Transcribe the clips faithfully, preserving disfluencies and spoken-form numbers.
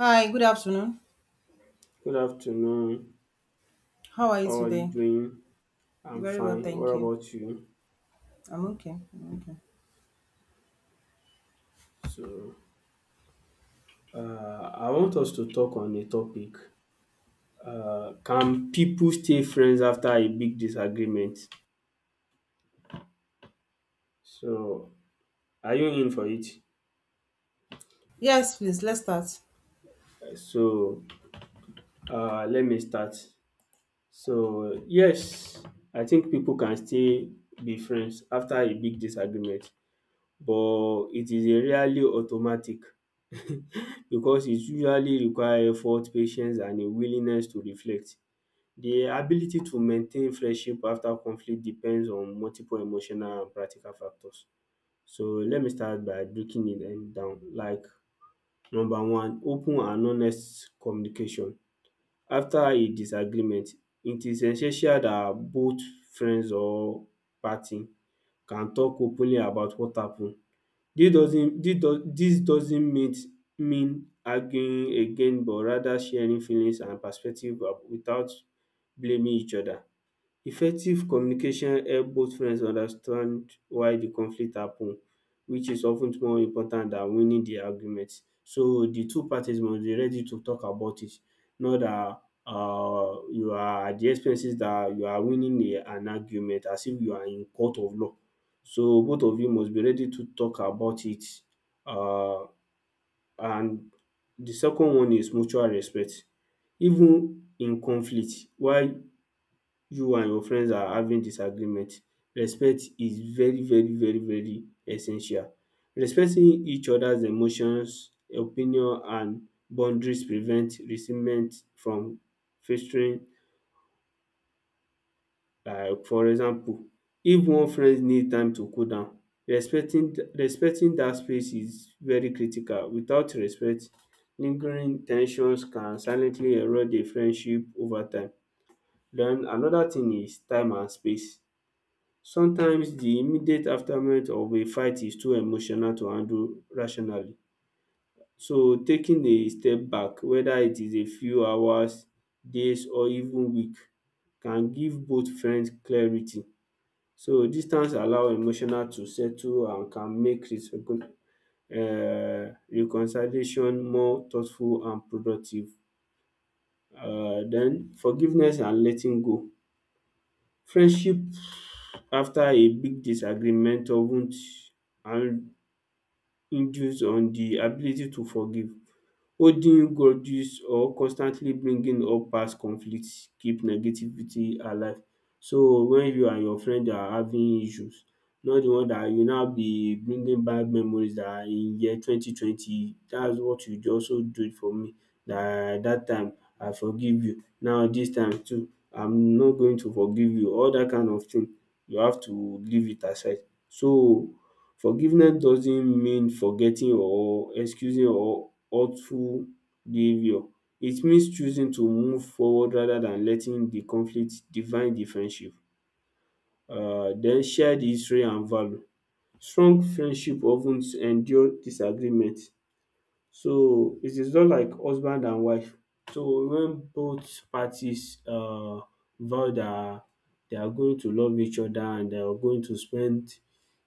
Hi, good afternoon. Good afternoon. How are you How are you today? doing? I'm Very well, fine. What thank you. about you? I'm okay. I'm okay. So, uh, I want us to talk on a topic. Uh, can people stay friends after a big disagreement? So, are you in for it? Yes, please, let's start. So, uh, let me start. So, yes, I think people can still be friends after a big disagreement, but it is a rarely automatic because it usually require effort, patience and a willingness to reflect. The ability to maintain friendship after conflict depends on multiple emotional and practical factors. So let me start by breaking it um down like number one, open and honest communication. After a disagreement, it is essential dat both friends or party can talk openly about what happen. This doesn't this does this doesn't meet mean arguing again, but rather sharing feelings and perspective uh, without blaming each other. Effective communication help both friends understand why the conflict happen, which is of ten more important than winning the argument. So the two parties must be ready to talk about it, not that um you are at the expenses that you are winning a, an argument as if you are in court of law. So both of you must be ready to talk about it, um and the second one is mutual respect. Even in conflict why you and your friends are having disagreement, respect is very very very very essential. Respecting each other's emotions, opinion and boundaries prevent resentment from festering. Like for example, if one friend need time to cool down, respecting respecting that space is very critical. Without respect, lingering tensions can silently erode the friendship over time. Then another thing is time and space. Sometimes the immediate aftermath of a fight is too emotional to handle rationally. So taking a step back, whether it is a few hours, days or even week, can give both friends clarity. So distance allow emotional to settle and can make recon- uh reconciliation more thoughtful and productive. Uh, Then forgiveness and letting go. Friendship after a big disagreement of and induce on the ability to forgive. Holding grudges or constantly bringing up past conflicts keep negativity alive. So when you and your friend are having issues, not the one dat you now be bringing back memories dat in year twenty twenty dats what you also do for me dat dat time, I forgive you, now dis time too I'm not going to forgive you, all dat kind of thing you have to leave it aside. So forgiveness doesn't mean forgetting or excusing or hurtful behaviour. It means choosing to move forward rather than letting the conflict define the friendship. um Den share the history and value. Strong friendship of ten endure disagreement. So it is not like husband and wife. So when both parties uh vow that they are going to love each other and they are going to spend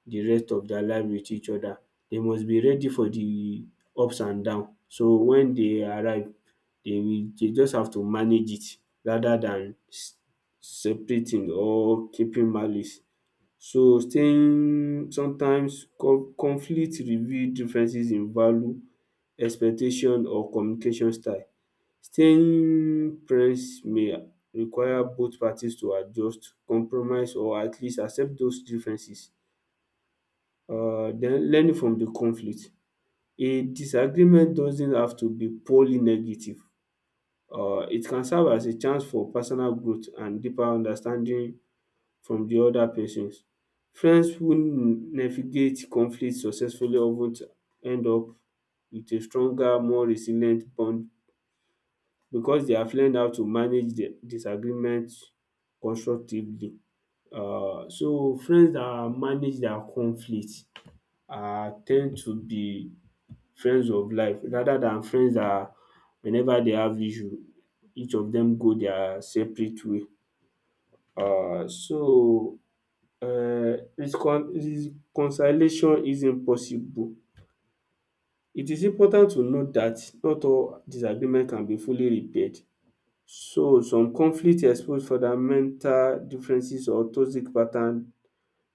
the rest of their life with each other, they must be ready for the ups and down. So when they arrive, they will they just have to manage it rather than s- separating or keeping malice. So staying, sometimes con conflict reveal differences in value, expectation or communication style. Staying friends may require both parties to adjust, compromise or at least accept those differences. um Then learning from the conflict. A disagreement doesn't have to be purely negative. um It can serve as a chance for personal growth and deeper understanding from the other persons. Friends who navigate conflict successfully often end up with a stronger, more resilient bond because they have learned how to manage their disagreement constructively. Um so friends that manage their conflict um ten d to be friends of life rather than friends that whenever they have issue, each of dem go their separate way. Um so um reconciliation isn't possible. It is important to note that not all disagreement can be fully repaired. So some conflict expose fundamental differences or toxic pattern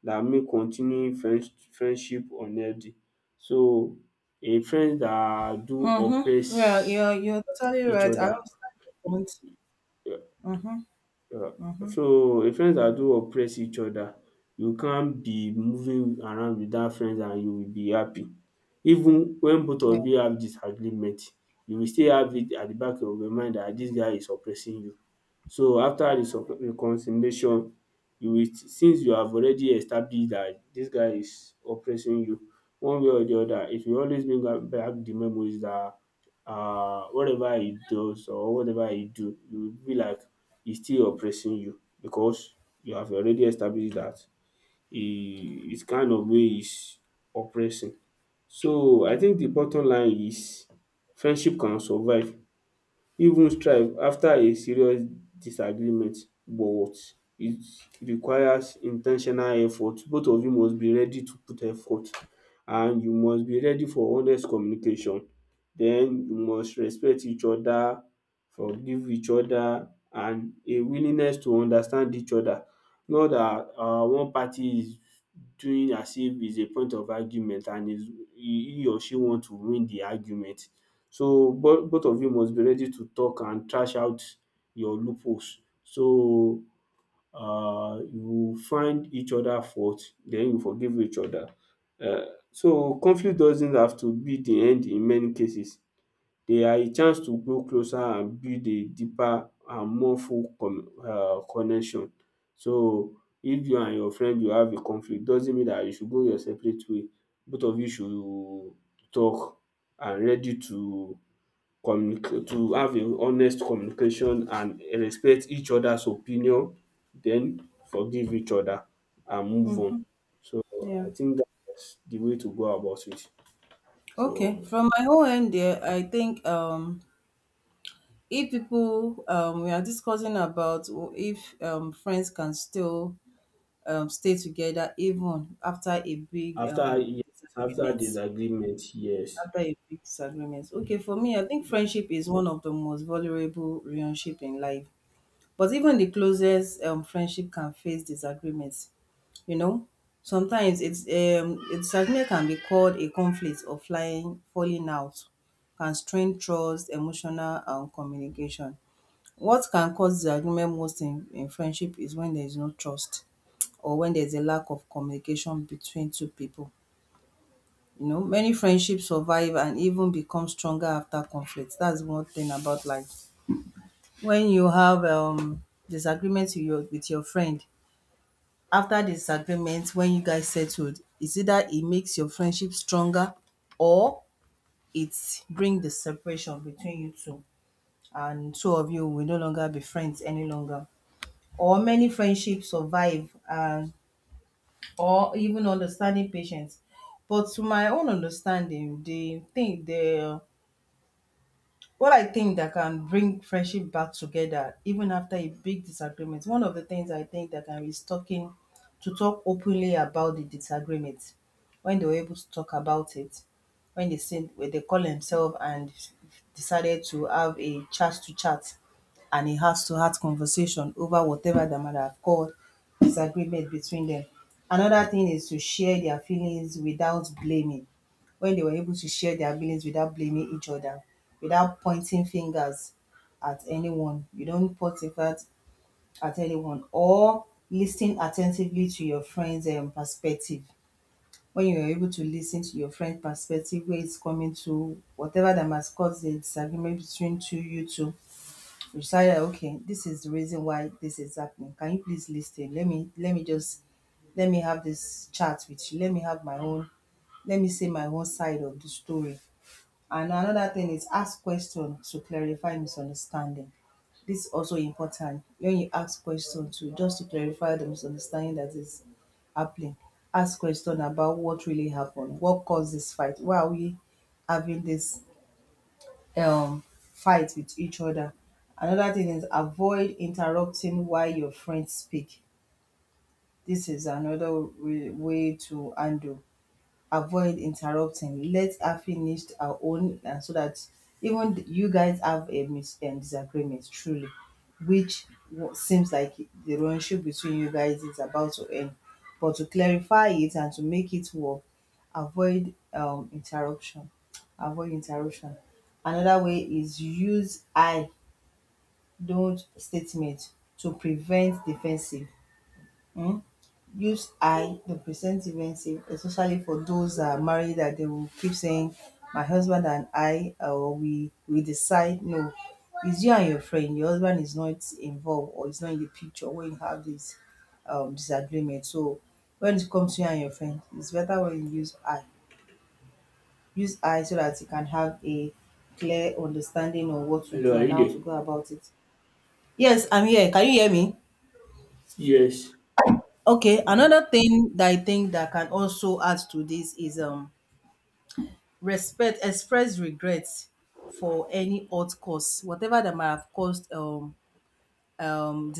dat make continuing friends friendship unhealthy. So a friend dat do oppress Mm-hmm. Yeah, you're, you're totally each right. I other, understand your point. Mm-hmm. Uh, Mm-hmm. so a friends that do oppress each other, you can't be moving around without friends and you will be happy. Even when both Yeah. of you have disagreement, you will still have it at the back of your mind that this guy is oppressing you. So after the sup- reconciliation, you will st- since you have already established that this guy is oppressing you one way or the other, it will always bring back back the memories that, uh, whatever he does or whatever he do, you will be like he's still oppressing you because you have already established that he his kind of way is oppressing. So I think the bottom line is friendship can survive even strife after a serious disagreement, but it requires in ten tional effort. Both of you must be ready to put effort, and you must be ready for honest communication. Den you must respect each other, forgive each other and a willingness to understand each other. Not dat um one party is doing as if it's a point of argument, and is he he or she want to win the argument. So both both of you must be ready to talk and trash out your loopholes. So uh, you find each other fault, then you forgive each other. Uh, So conflict doesn't have to be the end in many cases. They are a chance to grow closer and build a deeper and more full con- um connection. So if you and your friend you have a conflict doesn't mean that you should go your separate way. Both of you should talk and ready to communicate, to have a honest communication and respect each other's opinion, then forgive each other and move on. Mm, So yeah. I think that's the way to go about it. Okay. So From my own end there, I think um if people um we are discussing about if um friends can still um stay together even after a big after, um yes, after disagreement. disagreement, yes. After a big disagreement. Okay, for me, I think friendship is one of the most vulnerable relationship in life. But even the closest um, friendship can face disagreements. You know, sometimes it's um, a disagreement can be called a conflict or flying falling out, can strain trust, emotional um, communication. What can cause disagreement most in, in friendship is when there is no trust, or when there's a lack of communication between two people. You know, many friendships survive and even become stronger after conflict. That's one thing about life. When you have um disagreements with your with your friend, after disagreement, when you guys settled, it's either it makes your friendship stronger, or it bring the separation between you two, and two of you will no longer be friends any longer. Or many friendships survive, and or even understanding patience. But to my own understanding, the thing the what I think that can bring friendship back together even after a big disagreement, one of the things I think that can is talking to talk openly about the disagreement. When they were able to talk about it, when they said when they call themselves and decided to have a chat to chat and a heart to heart conversation over whatever they might have called disagreement between them. Another thing is to share their feelings without blaming, when they were able to share their feelings without blaming each other, without pointing fingers at anyone. You don't point fingers at anyone, or listening attentively to your friend's um, perspective. When you are able to listen to your friend's perspective, where it's coming to, whatever that must cause the disagreement between two you two, you decide that, okay, this is the reason why this is happening. Can you please listen? Let me let me just let me have this chat with you. Let me have my own. Let me say my own side of the story. And another thing is ask questions to clarify misunderstanding. This is also important. When you ask questions to just to clarify the misunderstanding that is happening, ask question about what really happened, what caused this fight, why are we having this um fight with each other. Another thing is avoid interrupting while your friends speak. This is another way way to handle. Avoid interrupting, let her finish her own, and so that even th- you guys have a mis- um, disagreement truly, which w- seems like the relationship between you guys is about to end, but to clarify it and to make it work, avoid um, interruption. Avoid interruption. Another way is use I don't statement to prevent defensive. Hmm? Use I to present events, especially for those that are married, that they will keep saying, my husband and I, or we we decide. No, it's you and your friend. Your husband is not involved or is not in the picture when you have this um, disagreement. So when it comes to you and your friend, it's better when you use I. Use I so that you can have a clear understanding of what to Hello, do are and you how there? to go about it. Yes, I'm here. Can you hear me? Yes. Okay, Ah, another thing that I think that can also add to this is um. Respect, express regrets for any hurt cause, whatever that might have caused um um.